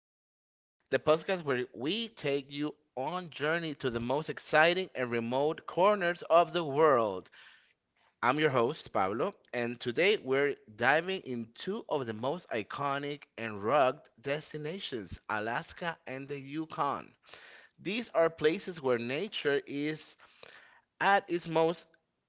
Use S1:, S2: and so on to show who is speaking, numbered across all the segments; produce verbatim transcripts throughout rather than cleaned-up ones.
S1: Pablo, the podcast where we take you on journey to the most exciting and remote corners of the world. I'm your host, Pablo, and today we're diving into two of the most iconic and rugged destinations, Alaska and the Yukon. These are places where nature is at its most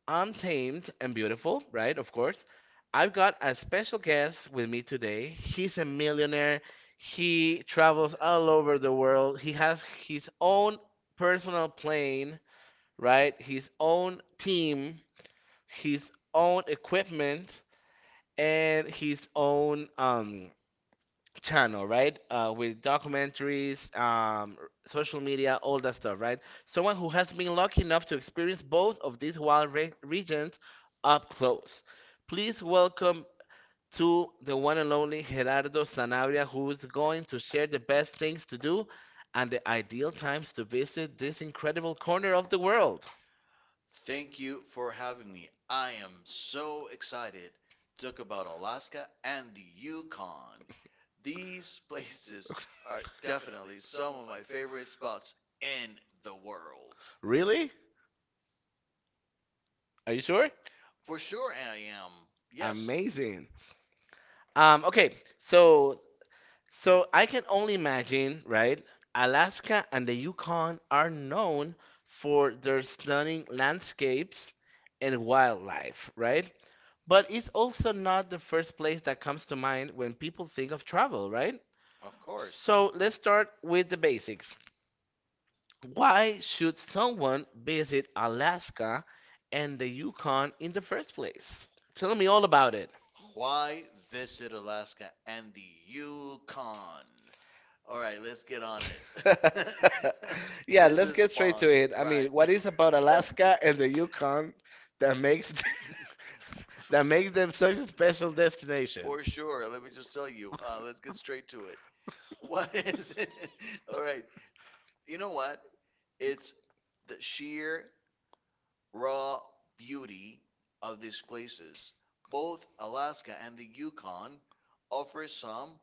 S1: untamed and beautiful, right? Of course. I've got a special guest with me today. He's a millionaire. He travels all over the world. He has his own personal plane, right? His own team, his own equipment, and his own um channel, right? Uh, with documentaries, um, r- social media, all that stuff, right? Someone who has been lucky enough to experience both of these wild re- regions up close. Please welcome to the one and only Gerardo Sanabria, who is going to share the best things to do and the ideal times to visit this incredible corner of the world.
S2: Thank you for having me. I am so excited to talk about Alaska and the Yukon. These places are definitely some of my favorite spots in the world.
S1: Really? Are you sure?
S2: For sure, I am. Yes.
S1: Amazing. Um, okay, so So I can only imagine, right? Alaska and the Yukon are known for their stunning landscapes and wildlife, right? But it's also not the first place that comes to mind when people think of travel, right?
S2: Amazing, of
S1: Of.
S2: course.
S1: So let's start with the basics. Why should someone visit Alaska and the Yukon in the first place? Tell me all about it.
S2: Why visit Alaska and the Yukon? All right, let's get on it.
S1: it. Yeah,
S2: This
S1: let's
S2: is
S1: get straight
S2: fun,
S1: to it. I mean,
S2: right?
S1: right. What is about Alaska and the Yukon that makes
S2: Alaska and the Yukon.
S1: that makes them such a special destination?
S2: For sure. Let me just tell you. Uh, let's get straight to it. What is it? All right. You know what? It's the sheer raw beauty of these places. Both Alaska and the Yukon offer some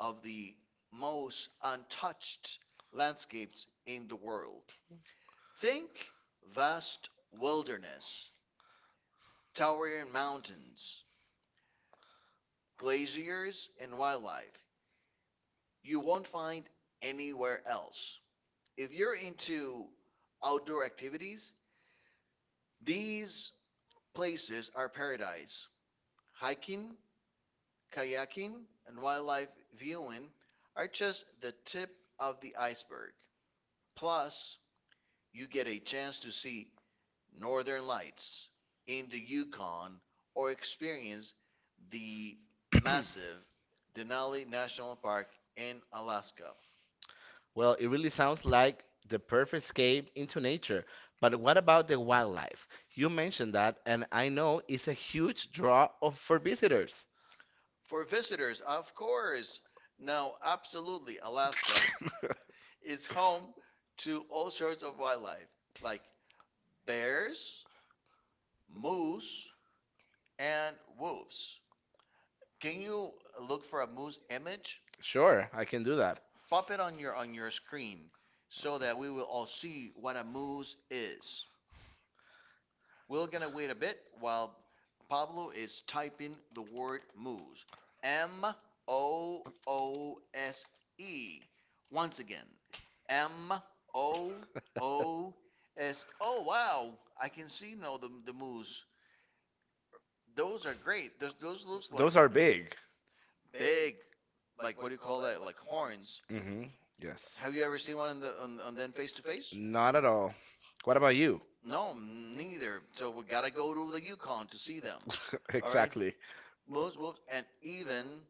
S2: of the most untouched landscapes in the world. Think vast wilderness, towering mountains, glaciers, and wildlife you won't find anywhere else. If you're into outdoor activities, these places are paradise. Hiking, kayaking, and wildlife viewing are just the tip of the iceberg. Plus, you get a chance to see northern lights in the Yukon or experience the massive Denali National Park in Alaska.
S1: Well, it really sounds like the perfect escape into nature. But what about the wildlife? You mentioned that, and I know it's a huge draw of, for visitors.
S2: For visitors, of course. Now, absolutely, Alaska is home to all sorts of wildlife like bears, moose, and wolves. Can you look for a moose image?
S1: Sure, I can do that.
S2: Pop it on your on your screen so that we will all see what a moose is. We're gonna wait a bit while Pablo is typing the word moose. M O O S E. Once again, M O O S. E. Oh wow! I can see now the the moose. Those are great.
S1: Like
S2: Those those looks like
S1: those are
S2: like
S1: big.
S2: big. Like, what do you call that? Like horns.
S1: Hmm. Yes.
S2: Yes. Have you ever seen one in the on, on then face to face?
S1: Not at all. What about you?
S2: No, neither. So we gotta go to the Yukon to see them.
S1: All
S2: All right.
S1: exactly.
S2: Most wolves, and even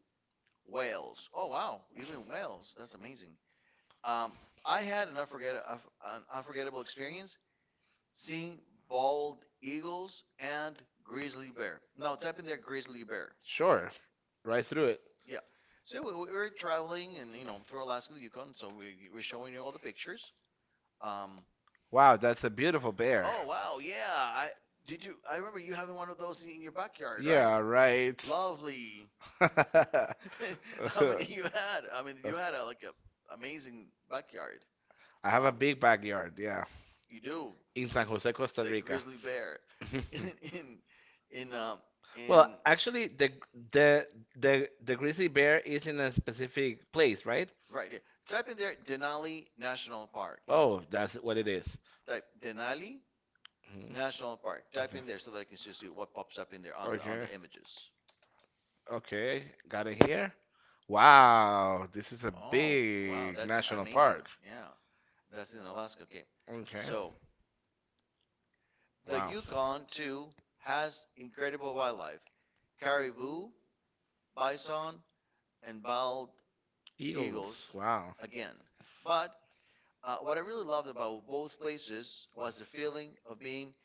S2: whales. Oh wow, even whales. That's amazing. Um, I had an, unforget- an unforgettable experience seeing bald eagles and grizzly bear. Now type in there grizzly bear.
S1: Sure. Right through it.
S2: Yeah. So we, we were traveling and you know through Alaska and the Yukon. So we, we're showing you all the pictures. Um,
S1: Wow, that's a beautiful bear.
S2: oh wow, yeah. I did you. I remember you having one of those in your backyard, right? Right.
S1: Right.
S2: Lovely.
S1: I
S2: How many you had? I mean,
S1: a.
S2: you had a, like, a amazing backyard.
S1: I have a
S2: Um, Yeah,
S1: big backyard, yeah,
S2: you do.
S1: in
S2: For
S1: San Jose, Costa.
S2: the grizzly bear in in, in um Well, in
S1: Well, actually, the the the the grizzly bear is in a specific place, right?
S2: right here. Type in there Denali National Park.
S1: Oh, that's what it is.
S2: Type Denali
S1: Mhm.
S2: National Park. Type in there so that I can
S1: Okay.
S2: just see what pops up in there on the on
S1: Okay.
S2: the images.
S1: Okay. Got it here. Wow, this is a
S2: Oh, wow,
S1: big
S2: that's
S1: national
S2: amazing
S1: park.
S2: park. Yeah, that's in Alaska. Okay. Mhm.
S1: Okay.
S2: So the
S1: Wow.
S2: Yukon, too, has incredible wildlife: caribou, bison, and bald
S1: Eagles.
S2: eagles
S1: Wow.
S2: again. But uh, what I really loved about both places was the feeling of being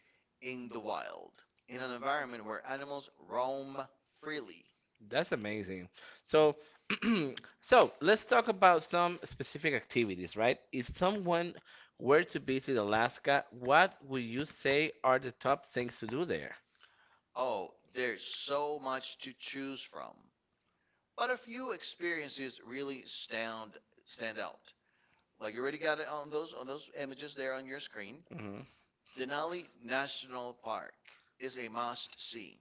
S2: in the wild, in an environment where animals roam freely.
S1: That's amazing. So, so let's talk about some specific activities, right? If someone were to visit Alaska, what would you say are the top things to do there?
S2: Oh, there's so much to choose from. But a few experiences really stand stand out. Like you already got it on those on those images there on your screen.
S1: Hmm.
S2: Denali National Park is a must-see.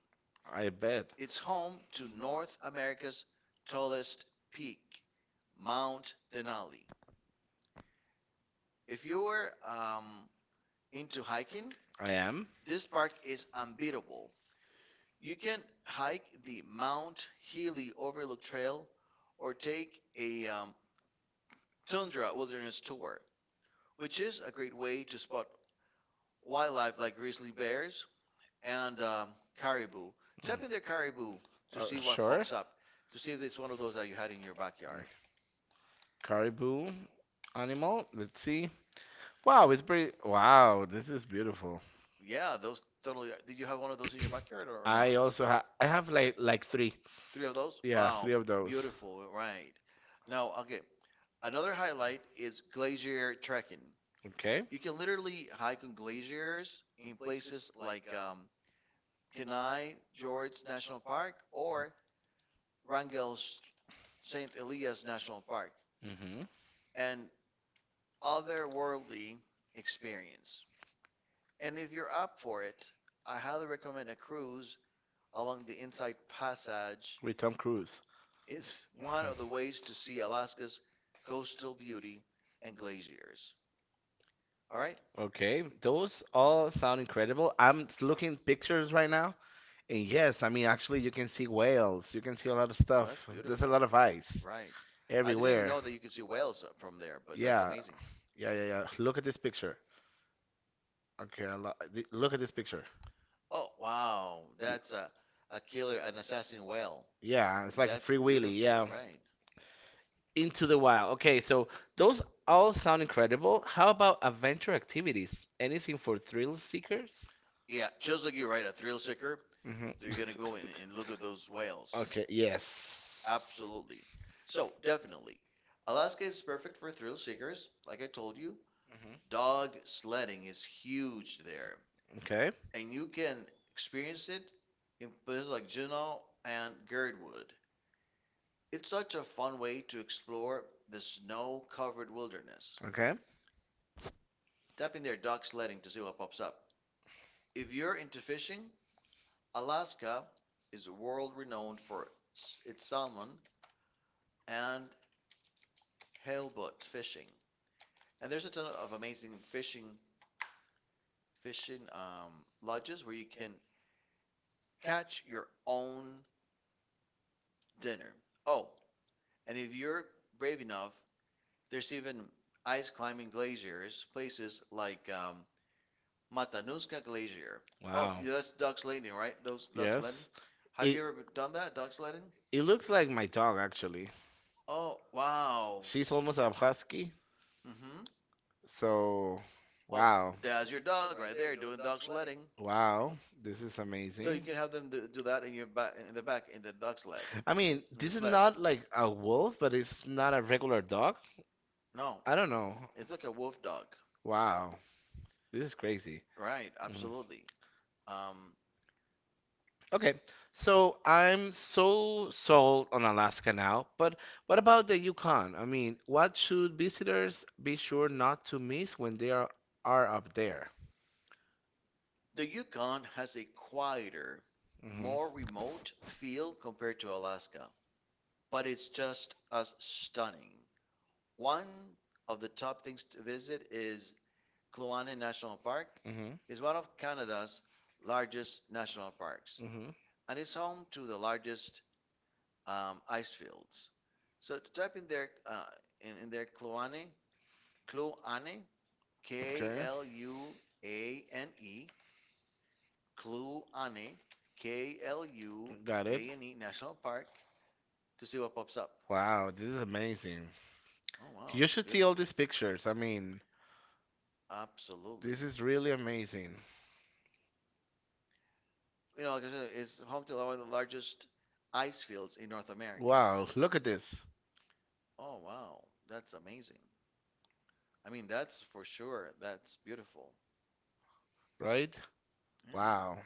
S1: I bet.
S2: It's home to North America's tallest peak, Mount Denali. If you were um, into hiking,
S1: I am.
S2: this park is unbeatable. You can hike the Mount Healy Overlook Trail or take a um, tundra wilderness tour, which is a great way to spot wildlife like grizzly bears, and um, caribou. Type in there caribou to
S1: Uh,
S2: see what
S1: sure.
S2: pops up, to see if it's one of those that you had in your backyard.
S1: Caribou animal. Let's see. Wow, it's pretty. Wow, this is beautiful.
S2: Yeah, those totally. Did you have one of those in your backyard, or, or not? I
S1: I
S2: also
S1: also
S2: have,
S1: have.
S2: I
S1: I
S2: have
S1: have like
S2: like like
S1: like
S2: three.
S1: three.
S2: Three of those? Yeah,
S1: Yeah,
S2: wow,
S1: three, wow,
S2: three
S1: of
S2: of those.
S1: those.
S2: Beautiful, right. Now, okay, another highlight is glacier trekking.
S1: Okay.
S2: You can literally hike on glaciers in places like um, Kenai George National Park or Wrangell Saint Elias National Park.
S1: Hmm.
S2: And otherworldly experience. And if you're up for it, I highly recommend a cruise along the Inside Passage.
S1: With Tom Cruise.
S2: It's one of the ways to see Alaska's coastal beauty and glaciers. All right?
S1: Okay. Those all sound incredible. I'm s- looking pictures right now. And yes, I mean, actually, you can see whales. You can see a lot of
S2: Well, Well,
S1: stuff.
S2: that's
S1: There's a
S2: beautiful.
S1: lot
S2: Beautiful. Lot
S1: of
S2: of ice.
S1: ice
S2: Right.
S1: I
S2: I didn't even
S1: everywhere.
S2: know that you could see
S1: everywhere.
S2: whales from there, but that's, yeah,
S1: Yeah.
S2: amazing.
S1: Yeah, yeah, yeah. Look at this picture. Okay. I lo th- look at this picture.
S2: Oh, wow.
S1: Y-
S2: That's a, a killer, an assassin whale.
S1: Yeah, it's like a
S2: That's
S1: free wheelie.
S2: beautiful,
S1: Yeah.
S2: right?
S1: Into the Wild. Okay, so those all sound incredible. How about adventure activities? Anything for thrill seekers?
S2: Yeah, just like you write a thrill seeker,
S1: Hmm.
S2: so you're gonna go and, and look at
S1: So,
S2: those whales.
S1: okay,
S2: Okay.
S1: yes.
S2: Absolutely. So definitely, Alaska is perfect for thrill seekers. Like I told you,
S1: Hmm.
S2: dog sledding is huge there,
S1: Okay,
S2: and you can experience it in places like Juneau and Girdwood. It's such a fun way to explore the snow-covered wilderness.
S1: okay.
S2: Tap in there, dog sledding, to see what pops up. If you're into fishing, Alaska is world renowned for its salmon and halibut fishing. And there's a ton of amazing fishing fishing um, lodges where you can catch your own dinner. Oh, and if you're brave enough, there's even ice climbing glaciers, places like um, Matanuska Glacier.
S1: Oh,
S2: Oh,
S1: wow.
S2: yeah, that's Doug's sledding, right? Doug's Doug's sledding.
S1: Yes.
S2: Have
S1: It
S2: you ever done that, Doug's
S1: sledding?
S2: sledding?
S1: It looks like my dog actually.
S2: Oh, wow.
S1: She's almost a husky.
S2: Hmm.
S1: So,
S2: Oh,
S1: wow,
S2: there's your dog right there doing dog sledding.
S1: wow, this is so you
S2: So you
S1: amazing.
S2: can have them do do that in your back in the back in the dog sled
S1: I mean,
S2: in the
S1: this is
S2: sled.
S1: not like a wolf, but it's not a regular dog.
S2: No,
S1: I don't know.
S2: it's like a wolf dog.
S1: Wow, this is crazy.
S2: Right,
S1: Mhm.
S2: absolutely. Um,
S1: Okay, so I'm so sold on Alaska now, but what about the Yukon? I mean, what should visitors be sure not to miss when they are, are up there?
S2: the Yukon has a quieter, more
S1: Mm-hmm.
S2: remote feel
S1: Feel.
S2: compared to Alaska, but it's just as stunning. One of the top things to visit is Kluane National Park.
S1: Mm-hmm.
S2: It's one of Canada's largest national parks
S1: Mm-hmm.
S2: and it's home to the largest um, ice fields. So to type in their uh, in, in their Kluane, Kluane, K L U A N E, Kluane, K L U
S1: Got it.
S2: A N E National Park to see what pops up.
S1: Wow, this is amazing.
S2: Oh wow,
S1: You
S2: that's
S1: should see all
S2: beautiful.
S1: these pictures. I mean, this
S2: Absolutely.
S1: is really amazing.
S2: You know, like I said, it's home to one of the largest ice fields in North America.
S1: Wow, look at this,
S2: Oh wow, that's amazing. I mean, that's for sure. That's beautiful.
S1: right?
S2: Yeah.
S1: Wow.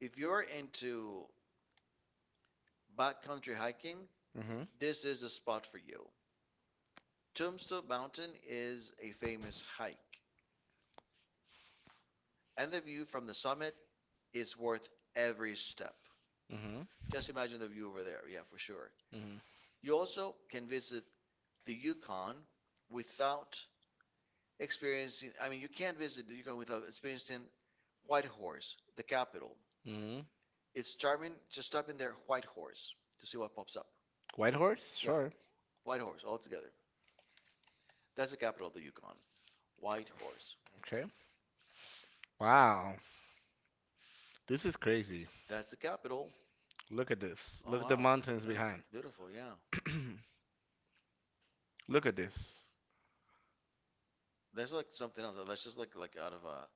S2: If you're into backcountry hiking,
S1: Mm-hmm.
S2: this is the spot for you. Tombstone Mountain is a famous hike, and the view from the summit is worth every step.
S1: Mm-hmm.
S2: Just imagine the view over there, yeah, for sure.
S1: Mm-hmm.
S2: You also can visit the Yukon without experiencing, I mean, you can't visit the Yukon without experiencing Whitehorse, the capital.
S1: Mm-hmm.
S2: It's charming. Just stop in there, Whitehorse, to see what pops up.
S1: White Horse?
S2: Whitehorse? Yeah,
S1: Sure.
S2: Whitehorse altogether. That's the capital of the Yukon. White Horse.
S1: Okay. Wow. This is crazy.
S2: That's the capital.
S1: Look at this.
S2: Oh
S1: Look at the
S2: wow,
S1: mountains
S2: that's
S1: behind.
S2: beautiful. Yeah,
S1: Look at this.
S2: there's like something else. That's just like like out of a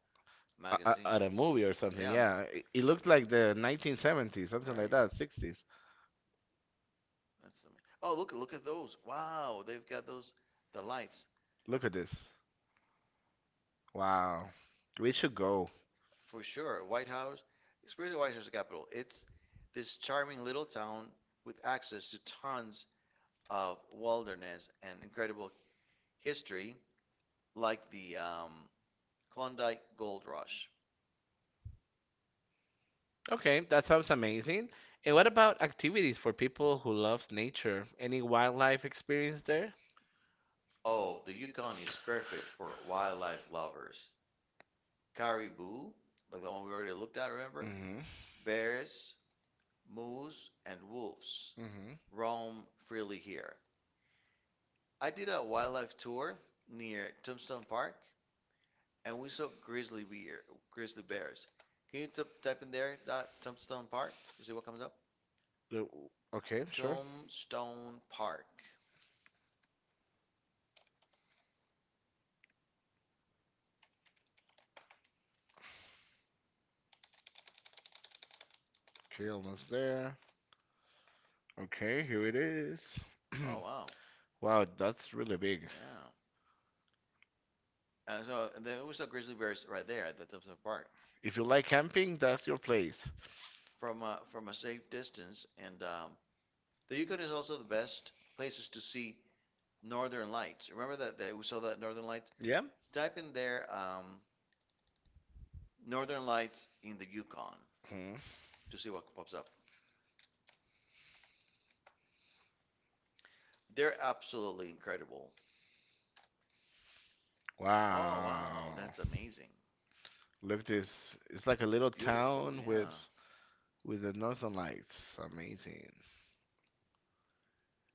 S1: A-
S2: magazine.
S1: a- At a movie or something,
S2: Yeah, m-
S1: yeah. Yeah. It,
S2: it
S1: it looks
S2: looked like
S1: like
S2: the
S1: the
S2: nineteen seventies,
S1: nineteen seventies,
S2: something
S1: something
S2: right.
S1: like
S2: like
S1: that,
S2: that, sixties.
S1: sixties.
S2: That's amazing. Oh, look look at those. Wow, they've got those the lights
S1: Look at this. Wow. We should go.
S2: for sure. White House. Experience the White House Capitol. It's this charming little town with access to tons of wilderness and incredible history, like the um, Klondike Gold Rush.
S1: Okay, that sounds amazing. And what about activities for people who loves nature? Any wildlife experience there?
S2: Oh, the Yukon is perfect for wildlife lovers. Caribou, like the one we already looked at, remember?
S1: Mm-hmm.
S2: Bears, moose, and wolves roam freely here. I did a wildlife tour near Tombstone Park, and we saw grizzly bear, grizzly bears. Can you t type in there, dot Tombstone Park, to see what comes up?
S1: Mm-hmm. Okay, sure.
S2: Tombstone Park.
S1: Kiln is there. Okay, here it is.
S2: Oh wow,
S1: Wow, that's really big.
S2: yeah. And so and there was a grizzly bears right there at the Tombstone Park
S1: If you like camping, that's your place.
S2: from a, from a safe distance, and um, the Yukon is also the best places to see northern lights. Remember that, that we saw that northern lights?
S1: Yeah?
S2: Type in there um, northern lights in the Yukon
S1: Mhm.
S2: to see what pops up. They're absolutely incredible.
S1: Wow,
S2: Oh, wow,
S1: wow.
S2: that's amazing. Look.
S1: Look this. It's like a little
S2: Beautiful town,
S1: town
S2: yeah.
S1: with with the northern lights. Amazing.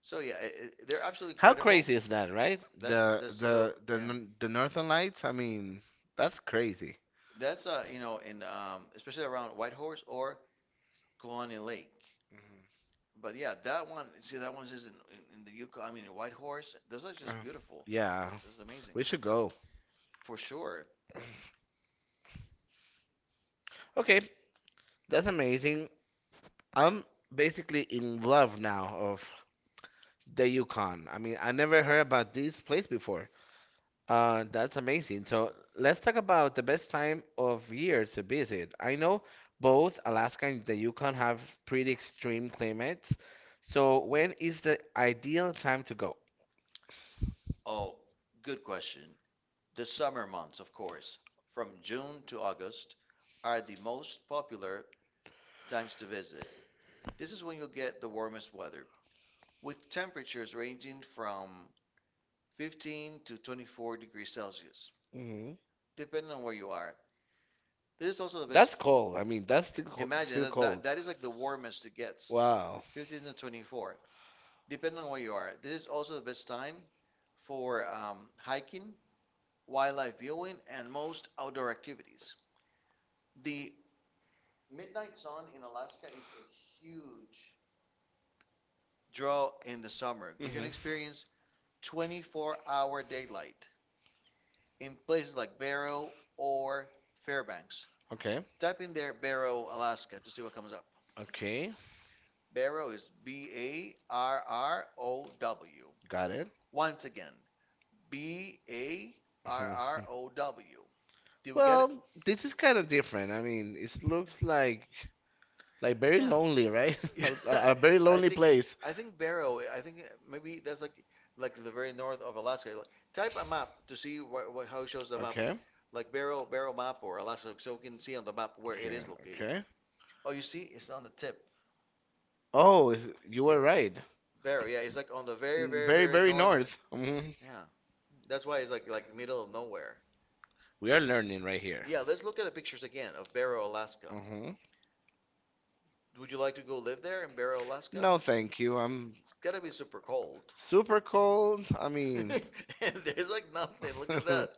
S2: So yeah, it, it-
S1: They.
S2: they're absolutely
S1: How
S2: incredible. How?
S1: crazy is that, right?
S2: That's
S1: The
S2: the, that's the, so
S1: the the
S2: yeah.
S1: n- the northern lights, I mean, that's crazy.
S2: That's uh you know in um especially around Whitehorse or Colony Lake. But yeah, that one, see, that one's is in, in, in the Yukon, I mean, in White Horse. Those are
S1: Mhm. Uh,
S2: just beautiful.
S1: yeah.
S2: It's, it's amazing.
S1: We should go.
S2: For sure.
S1: Okay, that's amazing. I'm basically in love now of the Yukon. I mean, I never heard about this place before. Uh, that's amazing. So let's talk about the best time of year to visit. I know both Alaska and the Yukon have pretty extreme climates. So when is the ideal time to go?
S2: Oh, good question. The summer months, of course, from June to August, are the most popular times to visit. This is when you'll get the warmest weather, with temperatures ranging from fifteen to twenty-four degrees Celsius,
S1: Hmm.
S2: depending on where you are. This is also the best.
S1: That's
S2: That's,
S1: cold. I mean, that's still co
S2: imagine
S1: still
S2: that, that
S1: cold.
S2: that
S1: That.
S2: is like the warmest it gets. Wow.
S1: Wow.
S2: fifteen to twenty-four, depending on where you are. This is also the best time for um, hiking, wildlife viewing, and most outdoor activities. The draw in the summer. You can
S1: Hmm.
S2: experience twenty-four hour daylight in places like Barrow or Fairbanks.
S1: Okay.
S2: Type in there Barrow, Alaska to see what comes up.
S1: Okay.
S2: Barrow is B A R R O W.
S1: Got it?
S2: Once again, B A R R O W. Do we no, get it?
S1: This is kind of different. I mean, it looks like like very
S2: Yeah.
S1: lonely, right?
S2: Yeah,
S1: a, very
S2: I
S1: I
S2: think,
S1: place.
S2: I think Barrow, I think maybe that's like like the very north of Alaska. Like, type a map to see what, what how it shows the map, like Barrow Barrow map or Alaska, so you can see on the map where it is located.
S1: Okay.
S2: Oh, you see, it's on the tip.
S1: Oh, is, you were
S2: It-
S1: right.
S2: Barrow, yeah, it's like on the very very very northern.
S1: North. Hmm.
S2: Yeah, that's why it's like like middle of nowhere.
S1: We are
S2: L-
S1: learning right here.
S2: Yeah, let's look at the pictures again of Barrow, Alaska.
S1: Hmm.
S2: Would you like to go live there in Barrow, Alaska?
S1: Thank you. I'm
S2: It's gotta be super cold.
S1: super cold. I
S2: I
S1: mean,
S2: mean, and there's like nothing. Look at that.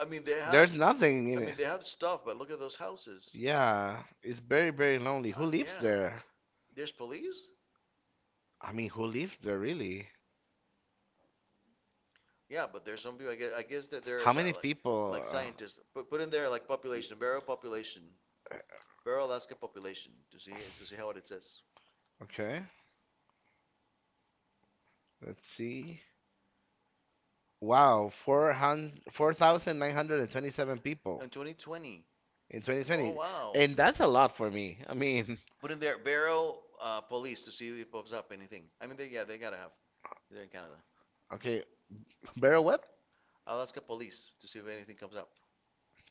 S2: I mean, they have.
S1: there's nothing in
S2: I
S1: I it.
S2: mean, they have stuff, but look at those houses.
S1: Yeah, it's very, very lonely.
S2: Uh,
S1: Who lives
S2: yeah.
S1: there?
S2: There's police.
S1: I mean, who lives there really?
S2: Yeah, but there's some people. I guess, I guess that there
S1: How How
S2: is uh,
S1: many
S2: like
S1: people?
S2: like
S1: Uh,
S2: scientists. Put put in there like population, Barrow population, Barrow, Alaska population to see to see how it says.
S1: okay, let's see. Wow, four hundred, four thousand nine hundred and twenty-seven people
S2: In twenty twenty. In twenty twenty.
S1: in Oh
S2: Oh, twenty twenty.
S1: twenty twenty. And that's a
S2: Wow.
S1: lot for me. I mean,
S2: Put in there Barrow uh, Police to see if it pops up anything. I mean, they, yeah, they gotta have. They're in Canada.
S1: okay, Barrow what?
S2: Alaska Police to see if anything comes up.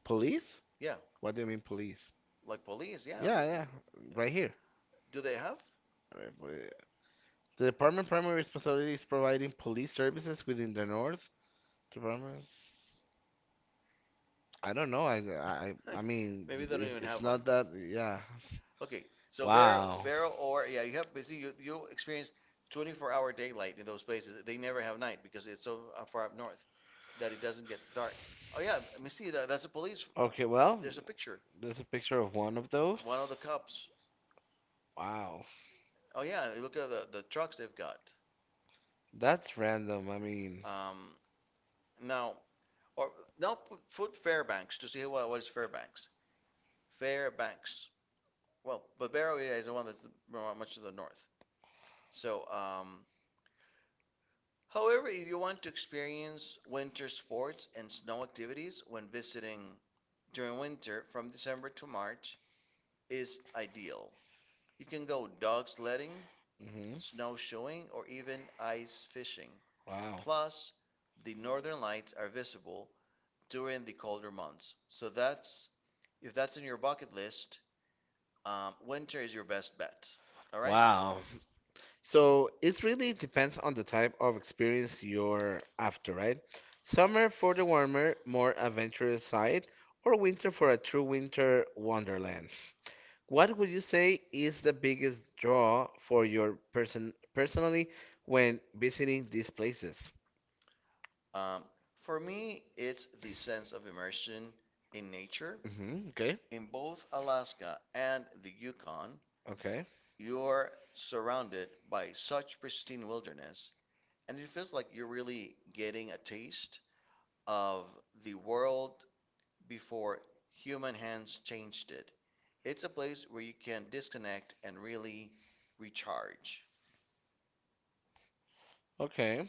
S1: Police?
S2: Yeah,
S1: What do you mean police?
S2: like
S1: Like police,
S2: police.
S1: yeah,
S2: Yeah,
S1: yeah,
S2: they-
S1: yeah. Right here.
S2: do they have?
S1: Uh, poli- The department primary responsibility is providing police services within the North Departments. I don't know. I I I I mean, maybe
S2: Maybe
S1: they th-
S2: they
S1: don't
S2: don't
S1: it's,
S2: even
S1: even it's have
S2: have
S1: it.
S2: one.
S1: Not that. Yeah.
S2: Okay,
S1: So
S2: so
S1: we're in
S2: Barrow,
S1: wow.
S2: Barrow
S1: Libero or
S2: or
S1: yeah,
S2: yeah,
S1: you
S2: you
S1: have
S2: have
S1: you see
S2: basically
S1: you
S2: you
S1: you
S2: you experience
S1: experienced.
S2: twenty-four-hour daylight in those places. They never have night because it's so uh, far up north that it doesn't get dark. Oh yeah, let me see that. That's a police.
S1: Okay, well, there's
S2: There's
S1: a
S2: a
S1: picture
S2: picture.
S1: there's a picture of one of those. Of one
S2: One of
S1: of
S2: the those.
S1: the cups.
S2: Cops.
S1: Wow,
S2: Oh yeah, look at the the trucks they've got.
S1: that's random. I mean,
S2: Um, now or now put, put Fairbanks to see what what is Fairbanks. Fairbanks. Well, but Barrow yeah, is the one that's the, more- much to the north. So um, however, if you want to experience winter sports and snow activities when visiting during winter from December to March is ideal. You can go dog sledding,
S1: mhm.
S2: snowshoeing, or even ice fishing.
S1: Wow.
S2: Plus,
S1: Plus,
S2: the northern lights are visible during the colder months. So that's if that's in your bucket list, um, winter is your best bet. All right?
S1: wow. So it really depends on the type of experience you're after, right? Summer for the warmer, more adventurous side, or winter for a true winter wonderland. What would you say is the biggest draw for your person personally when visiting these places?
S2: Um, for me, it's the sense of immersion in nature.
S1: Hmm. Okay.
S2: In both Alaska and the Yukon,
S1: Okay.
S2: you're surrounded by such pristine wilderness, and it feels like you're really getting a taste of the world before human hands changed it. It's a place where you can disconnect and really recharge.
S1: Okay.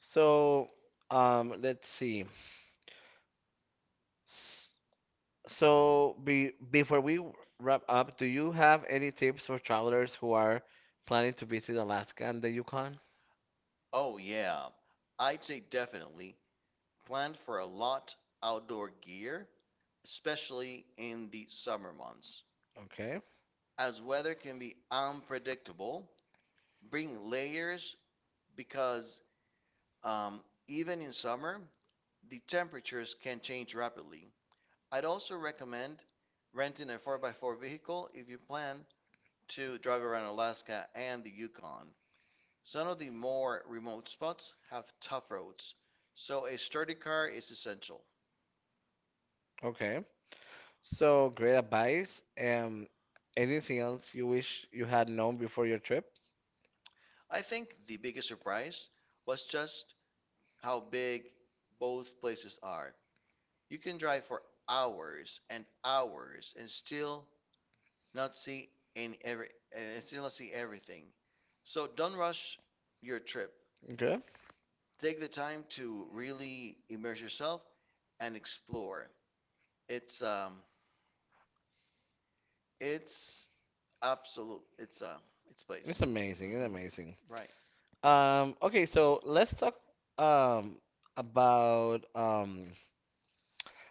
S1: So, um, let's see. So, be, before we wrap up, do you have any tips for travelers who are planning to visit Alaska and the Yukon?
S2: Oh, yeah, I'd say definitely plan for a lot outdoor gear, especially in the summer months,
S1: Okay,
S2: as weather can be unpredictable. Bring layers because um, even in summer, the temperatures can change rapidly. I'd also recommend renting a four by four vehicle if you plan to drive around Alaska and the Yukon. Some of the more remote spots have tough roads, so a sturdy car is essential.
S1: okay. So, great advice. Um, anything else you wish you had known before your trip?
S2: I think the biggest surprise was just how big both places are. You can drive for hours and hours and still not see and every and still see everything. So don't rush your trip.
S1: Okay.
S2: Take the time to really immerse yourself and explore. It's um it's absolute it's um It's
S1: It's
S2: place.
S1: amazing. It's
S2: Hmm.
S1: amazing.
S2: Right,
S1: Um, okay, so let's talk um about um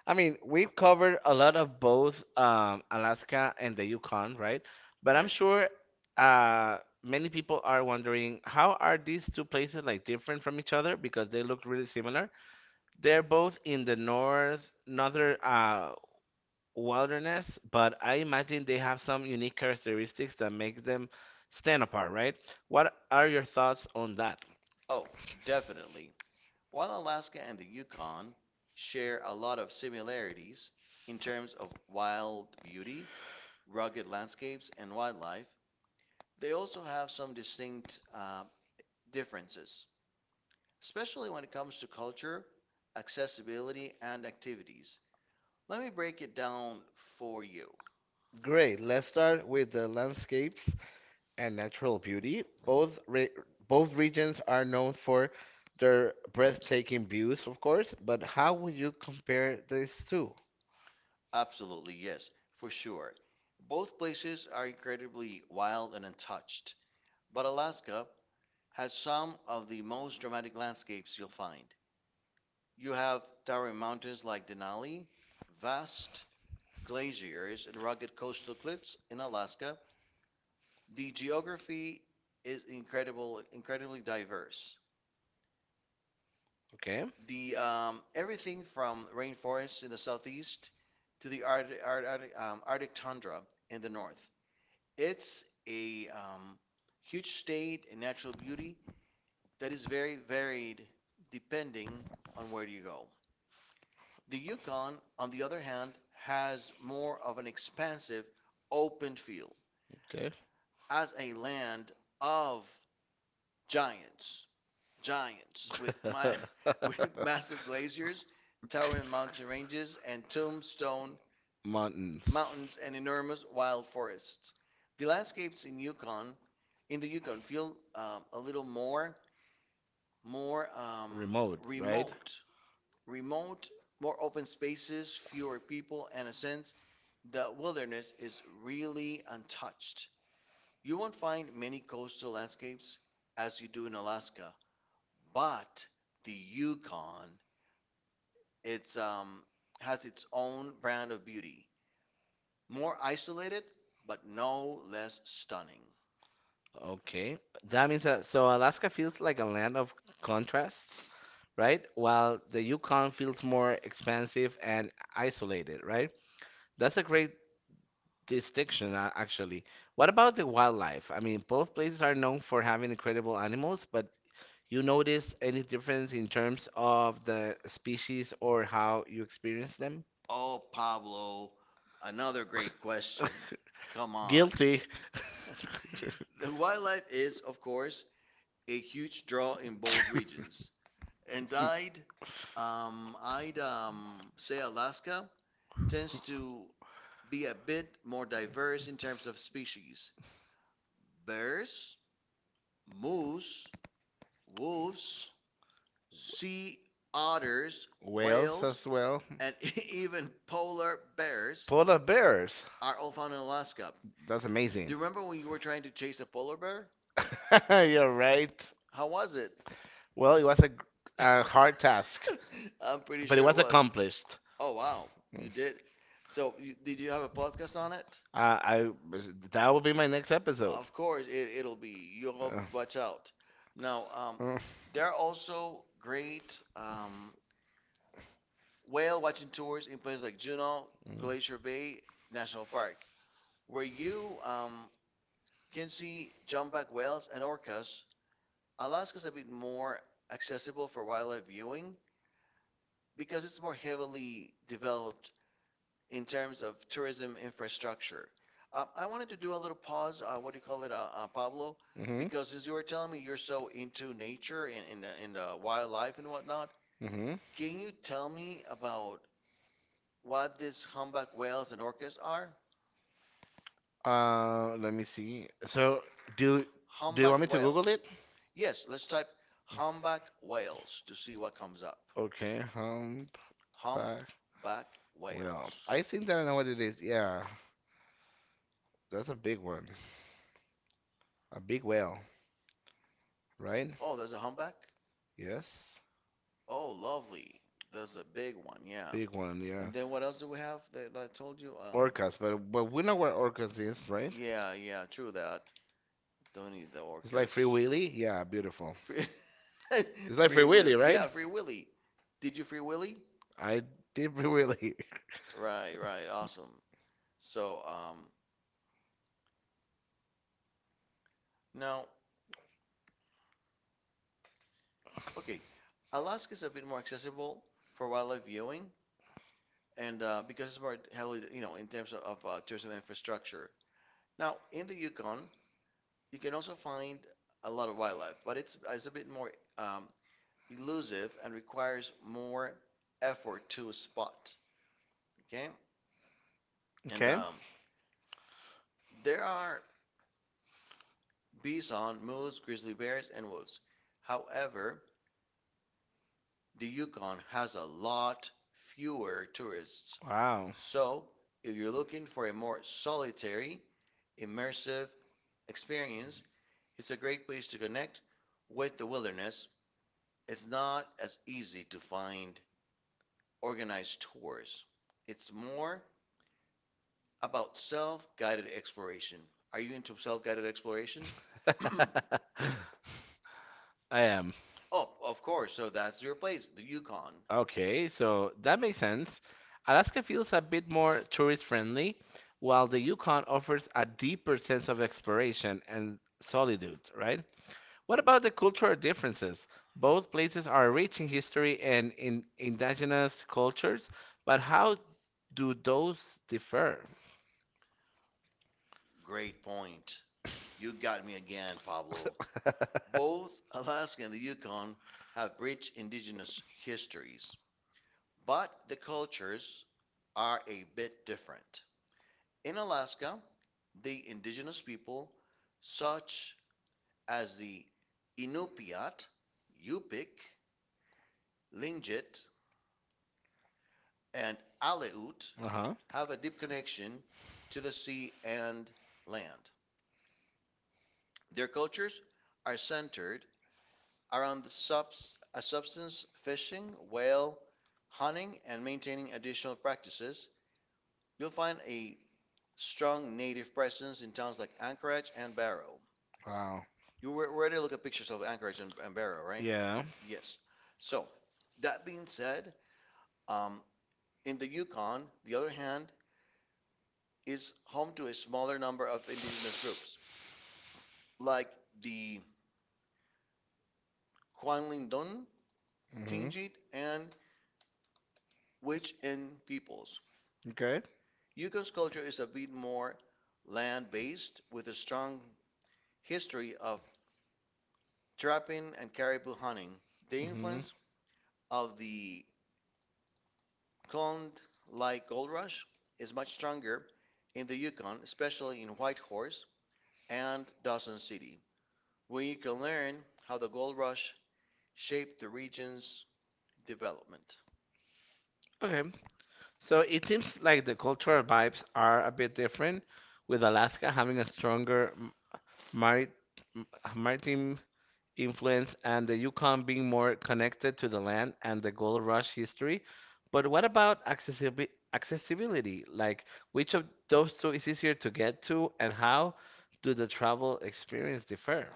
S1: I mean, we've covered a lot of both um, Alaska and the Yukon, right?
S2: right.
S1: But
S2: I'm
S1: I'm sure uh, many people are wondering how are these two places like different from each other because they look really similar. They're both in the north northern uh, wilderness, but I imagine they have some unique characteristics that makes them stand apart, right? What are your thoughts on that?
S2: Oh, definitely. While Alaska and the Yukon share a lot of similarities in terms of wild beauty, rugged landscapes, and wildlife, they also have some distinct uh, differences, especially when it comes to culture, accessibility, and activities. Let me break it down for you.
S1: Great. Let's start with the landscapes. And natural beauty. Both re both regions are known for their breathtaking views, of course, but how would you compare these two?
S2: Absolutely, yes, for sure. Both places are incredibly wild and untouched, but Alaska has some of the most dramatic landscapes you'll find. You have towering mountains like Denali, vast glaciers, and rugged coastal cliffs in Alaska. The geography is incredible, incredibly diverse.
S1: Okay.
S2: The um, Everything from rainforests in the southeast to the Arctic, Arctic, um, Arctic tundra in the north. It's a um, huge state in natural beauty that is very varied depending on where you go. The Yukon, on the other hand, has more of an expansive, open feel
S1: Okay.
S2: as a land of giants. Giants with my with massive glaciers, towering mountain ranges, and tombstone
S1: Mountains.
S2: mountains and enormous wild forests. The landscapes in Yukon in the Yukon feel um, a little more more um,
S1: Remote, right?
S2: remote, remote, more open spaces, fewer people, and a sense the wilderness is really untouched. You won't find many coastal landscapes as you do in Alaska, but the Yukon It's um has its own brand of beauty, more isolated but no less stunning.
S1: Okay. That means that so Alaska feels like a land of contrasts, right? While the Yukon feels more expansive and isolated, right? That's a great distinction, a- actually. What about the wildlife? I mean, both places are known for having incredible animals, but you notice any difference in terms of the species or how you experience them?
S2: Oh, Pablo, another great question. Come on.
S1: Guilty.
S2: The wildlife is, of course, a huge draw in both regions. And I'd um I'd um say Alaska tends to be a bit more diverse in terms of species. Bears, moose, wolves, sea otters,
S1: Whales
S2: whales,
S1: as well.
S2: well,
S1: And
S2: and even polar bears
S1: polar bears.
S2: are all found in Alaska.
S1: That's do
S2: Do
S1: amazing.
S2: you remember when you were trying to chase a polar bear?
S1: Bear? You're right.
S2: How was it?
S1: Well, it was a, g- a hard task,
S2: I'm pretty but
S1: but it
S2: sure it it
S1: was
S2: was.
S1: accomplished.
S2: Oh, wow. You
S1: Mm.
S2: did. So, you, did you have a podcast on it?
S1: Uh, I that will be my next episode.
S2: Of course, it, it'll be. You'll
S1: Uh,
S2: watch out. Now, um,
S1: um, uh,
S2: there are also great um, whale watching tours in places like Juneau, Glacier
S1: mm,
S2: Bay National Park, where you um, can see humpback whales and orcas. Alaska's a bit more accessible for wildlife viewing because it's more heavily developed in terms of tourism infrastructure. Um, I wanted to do a little pause. Uh, what do you call it, uh, uh, Pablo?
S1: hmm
S2: Because since you were telling me you're so into nature and in the, in the wildlife and whatnot,
S1: hmm.
S2: can you tell me about what these humpback whales and orcas are?
S1: Uh, let me see. So do do you want
S2: Humpback
S1: me to Google
S2: whales.
S1: it?
S2: Yes, let's type humpback whales to see what comes up.
S1: Okay, humpback
S2: Humpback
S1: whale.
S2: whales.
S1: I think that I know what it is. Yeah, that's a big one. A big whale, right?
S2: Oh, there's a humpback?
S1: Yes.
S2: Oh, lovely. There's a big one, yeah.
S1: Big one, yeah.
S2: And then what else do we have that I told you? Um,
S1: Orcas, but but we know where Orcas is, right?
S2: yeah, yeah, true that. Don't need the
S1: It's orca. Like Free
S2: orcas.
S1: Willy. Yeah, beautiful.
S2: Free,
S1: It's like Free
S2: free
S1: Willy,
S2: Willy.
S1: right?
S2: Yeah, Free Willy. Did you Free Willy?
S1: I did Free Willy.
S2: Right, right. Awesome. So, um, now okay, Alaska is a bit more accessible for wildlife viewing, and uh, because it's more heavily, you know, in terms of, of uh, tourism infrastructure. Now, in the Yukon, you can also find a lot of wildlife, but it's it's a bit more um, elusive and requires more effort to spot. Okay, and
S1: Okay.
S2: yeah. Um, there are bison, moose, grizzly bears, and wolves. However, the Yukon has a lot fewer tourists.
S1: Wow.
S2: So, if you're looking for a more solitary, immersive experience, it's a great place to connect with the wilderness. It's not as easy to find organized tours. It's more about self-guided exploration. Are you into self-guided exploration?
S1: Wow. I am.
S2: Oh, of course. So that's your place, the Yukon.
S1: Okay, so that makes sense. Alaska feels a bit more tourist friendly, while the Yukon offers a deeper sense of exploration and solitude, right? What about the cultural differences? Both places are rich in history and in indigenous cultures, but how do those differ?
S2: Great point. You got me again, Pablo. Both Alaska and the Yukon have rich indigenous histories, but the cultures are a bit different. In Alaska, the indigenous people, such as the Inupiat, Yupik, Lingit, and Aleut,
S1: Uh-huh.
S2: have a deep connection to the sea and land. Their cultures are centered around the subs- a substance fishing, whale hunting, and maintaining additional practices. You'll find a strong native presence in towns like Anchorage and Barrow.
S1: Wow.
S2: You were already look at pictures of Anchorage and, and Barrow, right?
S1: Yeah.
S2: Yeah. Yes. So, that being said, um, in the Yukon, the other hand, is home to a smaller number of indigenous groups, like the Kwanlingdon,
S1: Mm-hmm.
S2: Tlingit, and Wich-in peoples.
S1: Okay.
S2: Yukon's culture is a bit more land-based, with a strong history of trapping and caribou hunting. The
S1: Mm-hmm.
S2: influence of the Cold like Gold Rush is much stronger in the Yukon, especially in Whitehorse and Dawson City, where you can learn how the gold rush shaped the region's development.
S1: Okay. So it seems like the cultural vibes are a bit different, with Alaska having a stronger m- mari m- maritime influence and the Yukon being more connected to the land and the gold rush history. But what about accessibi- accessibility? Like, which of those two is easier to get to, and how do the travel experience differ?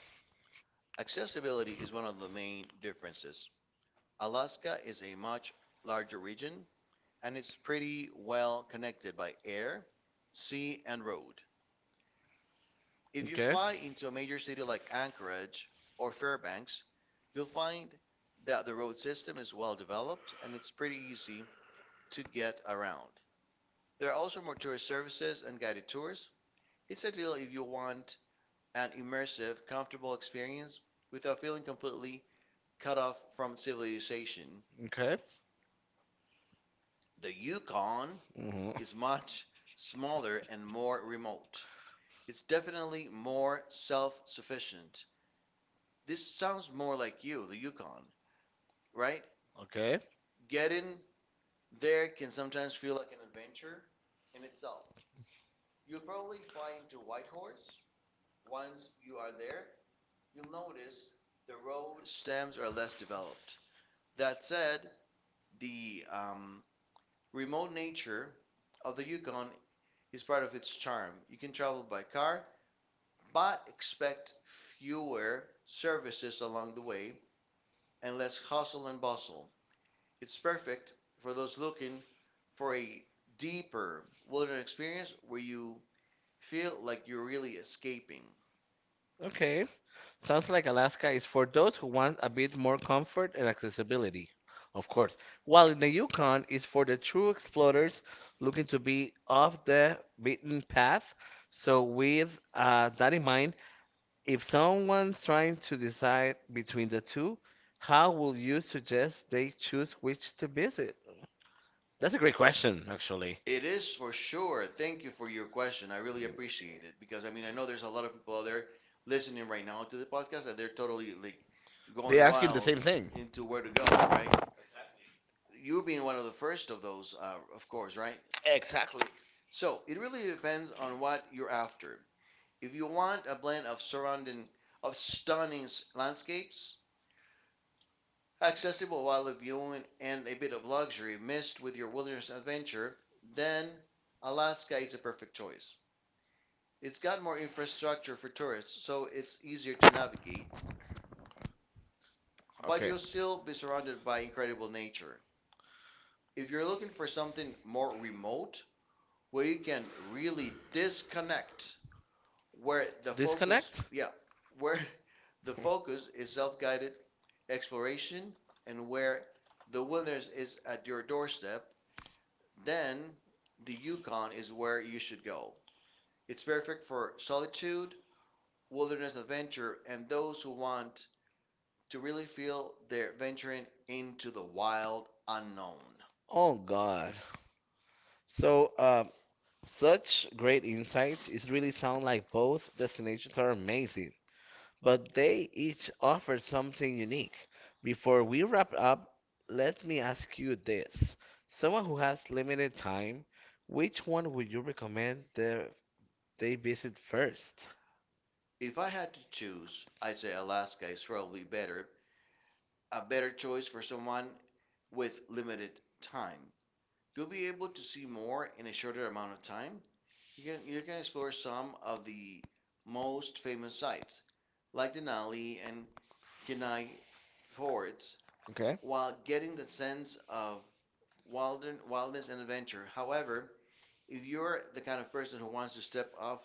S2: Accessibility is one of the main differences. Alaska is a much larger region and it's pretty well connected by air, sea, and road. If you
S1: Okay.
S2: fly into a major city like Anchorage or Fairbanks, you'll find that the road system is well developed and it's pretty easy to get around. There are also more tourist services and guided tours. It's ideal if you want an immersive, comfortable experience without feeling completely cut off from civilization.
S1: Okay.
S2: The Yukon
S1: Hmm.
S2: is much smaller and more remote. It's definitely more self sufficient. This sounds more like you, the Yukon, right?
S1: Okay.
S2: Getting there can sometimes feel like an adventure in itself. You'll probably fly into Whitehorse. The road stems are less developed. That said, the um, remote nature of the Yukon is part of its charm. You can travel by car, but expect fewer services along the way and less hustle and bustle. It's perfect for those looking for a deeper wilderness experience where you feel like you're really escaping.
S1: Okay. Sounds like Alaska is for those who want a bit more comfort and accessibility, of course. While in the Yukon is for the true explorers looking to be off the beaten path. So with uh, that in mind, if someone's trying to decide between the two, how will you suggest they choose which to visit? That's a great question, actually.
S2: It is for sure. Thank you for your question. I really appreciate it because I mean, I know there's a lot of people out there listening right now to the podcast and they're totally like
S1: They
S2: going
S1: asking the
S2: wild
S1: same thing.
S2: into where to go, right? You being one of the first of those, uh, of course, right?
S1: Exactly.
S2: So it really depends on what you're after. If you want a blend of surrounding, of stunning s- landscapes, accessible wildlife viewing, and a bit of luxury mixed with your wilderness adventure, then Alaska is a perfect choice. It's got more infrastructure for tourists, so it's easier to navigate, but
S1: Okay.
S2: you'll still be surrounded by incredible nature. If you're looking for something more remote, where you can really disconnect, where the focus,
S1: Disconnect?
S2: yeah, where the focus is self-guided exploration and where the wilderness is at your doorstep, then the Yukon is where you should go. It's perfect for solitude, wilderness adventure, and those who want to really feel they're venturing into the wild unknown.
S1: Oh God. So, uh, such great insights. It really sound like both destinations are amazing, but they each offer something unique. Before we wrap up, let me ask you this. Someone who has limited time, which one would you recommend the, they visit first?
S2: If I had to choose, I'd say Alaska is probably better, a better choice for someone with limited time. You'll be able to see more in a shorter amount of time. You can you can explore some of the most famous sites, like Denali and Kenai forts,
S1: Okay.
S2: while getting the sense of wildern- wildness and adventure. However, if you're the kind of person who wants to step off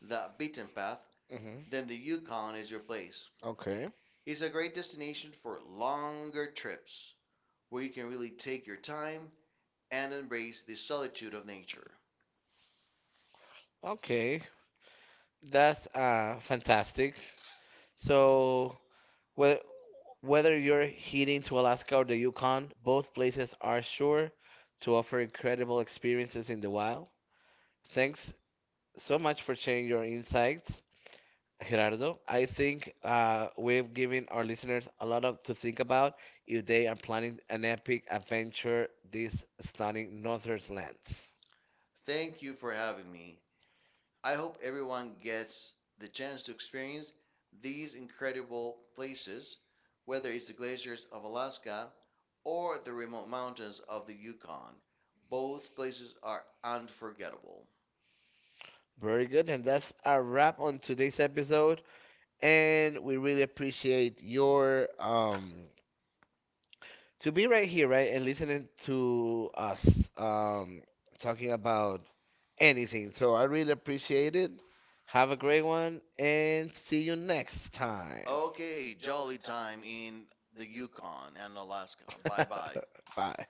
S2: the beaten path,
S1: Hmm.
S2: then the Yukon is your place.
S1: Okay.
S2: It's a great destination for longer trips where you can really take your time and embrace the solitude of nature.
S1: Okay. That's uh fantastic. So Whe- whether you're heading to Alaska or the Yukon, both places are sure to offer incredible experiences in the wild. Thanks so much for sharing your insights, Gerardo. I think uh, we've given our listeners a lot of to think about if they are planning an epic adventure these stunning northern lands.
S2: Thank you for having me. I hope everyone gets the chance to experience these incredible places, whether it's the glaciers of Alaska or the remote mountains of the Yukon. Both places are unforgettable.
S1: Very good, and that's our wrap on today's episode. And we really appreciate your um, to be right here, right, and listening to us um, talking about anything. So I really appreciate it. Have a great one and see you next time.
S2: Okay, jolly time in the Yukon and Alaska. Bye bye.
S1: Bye.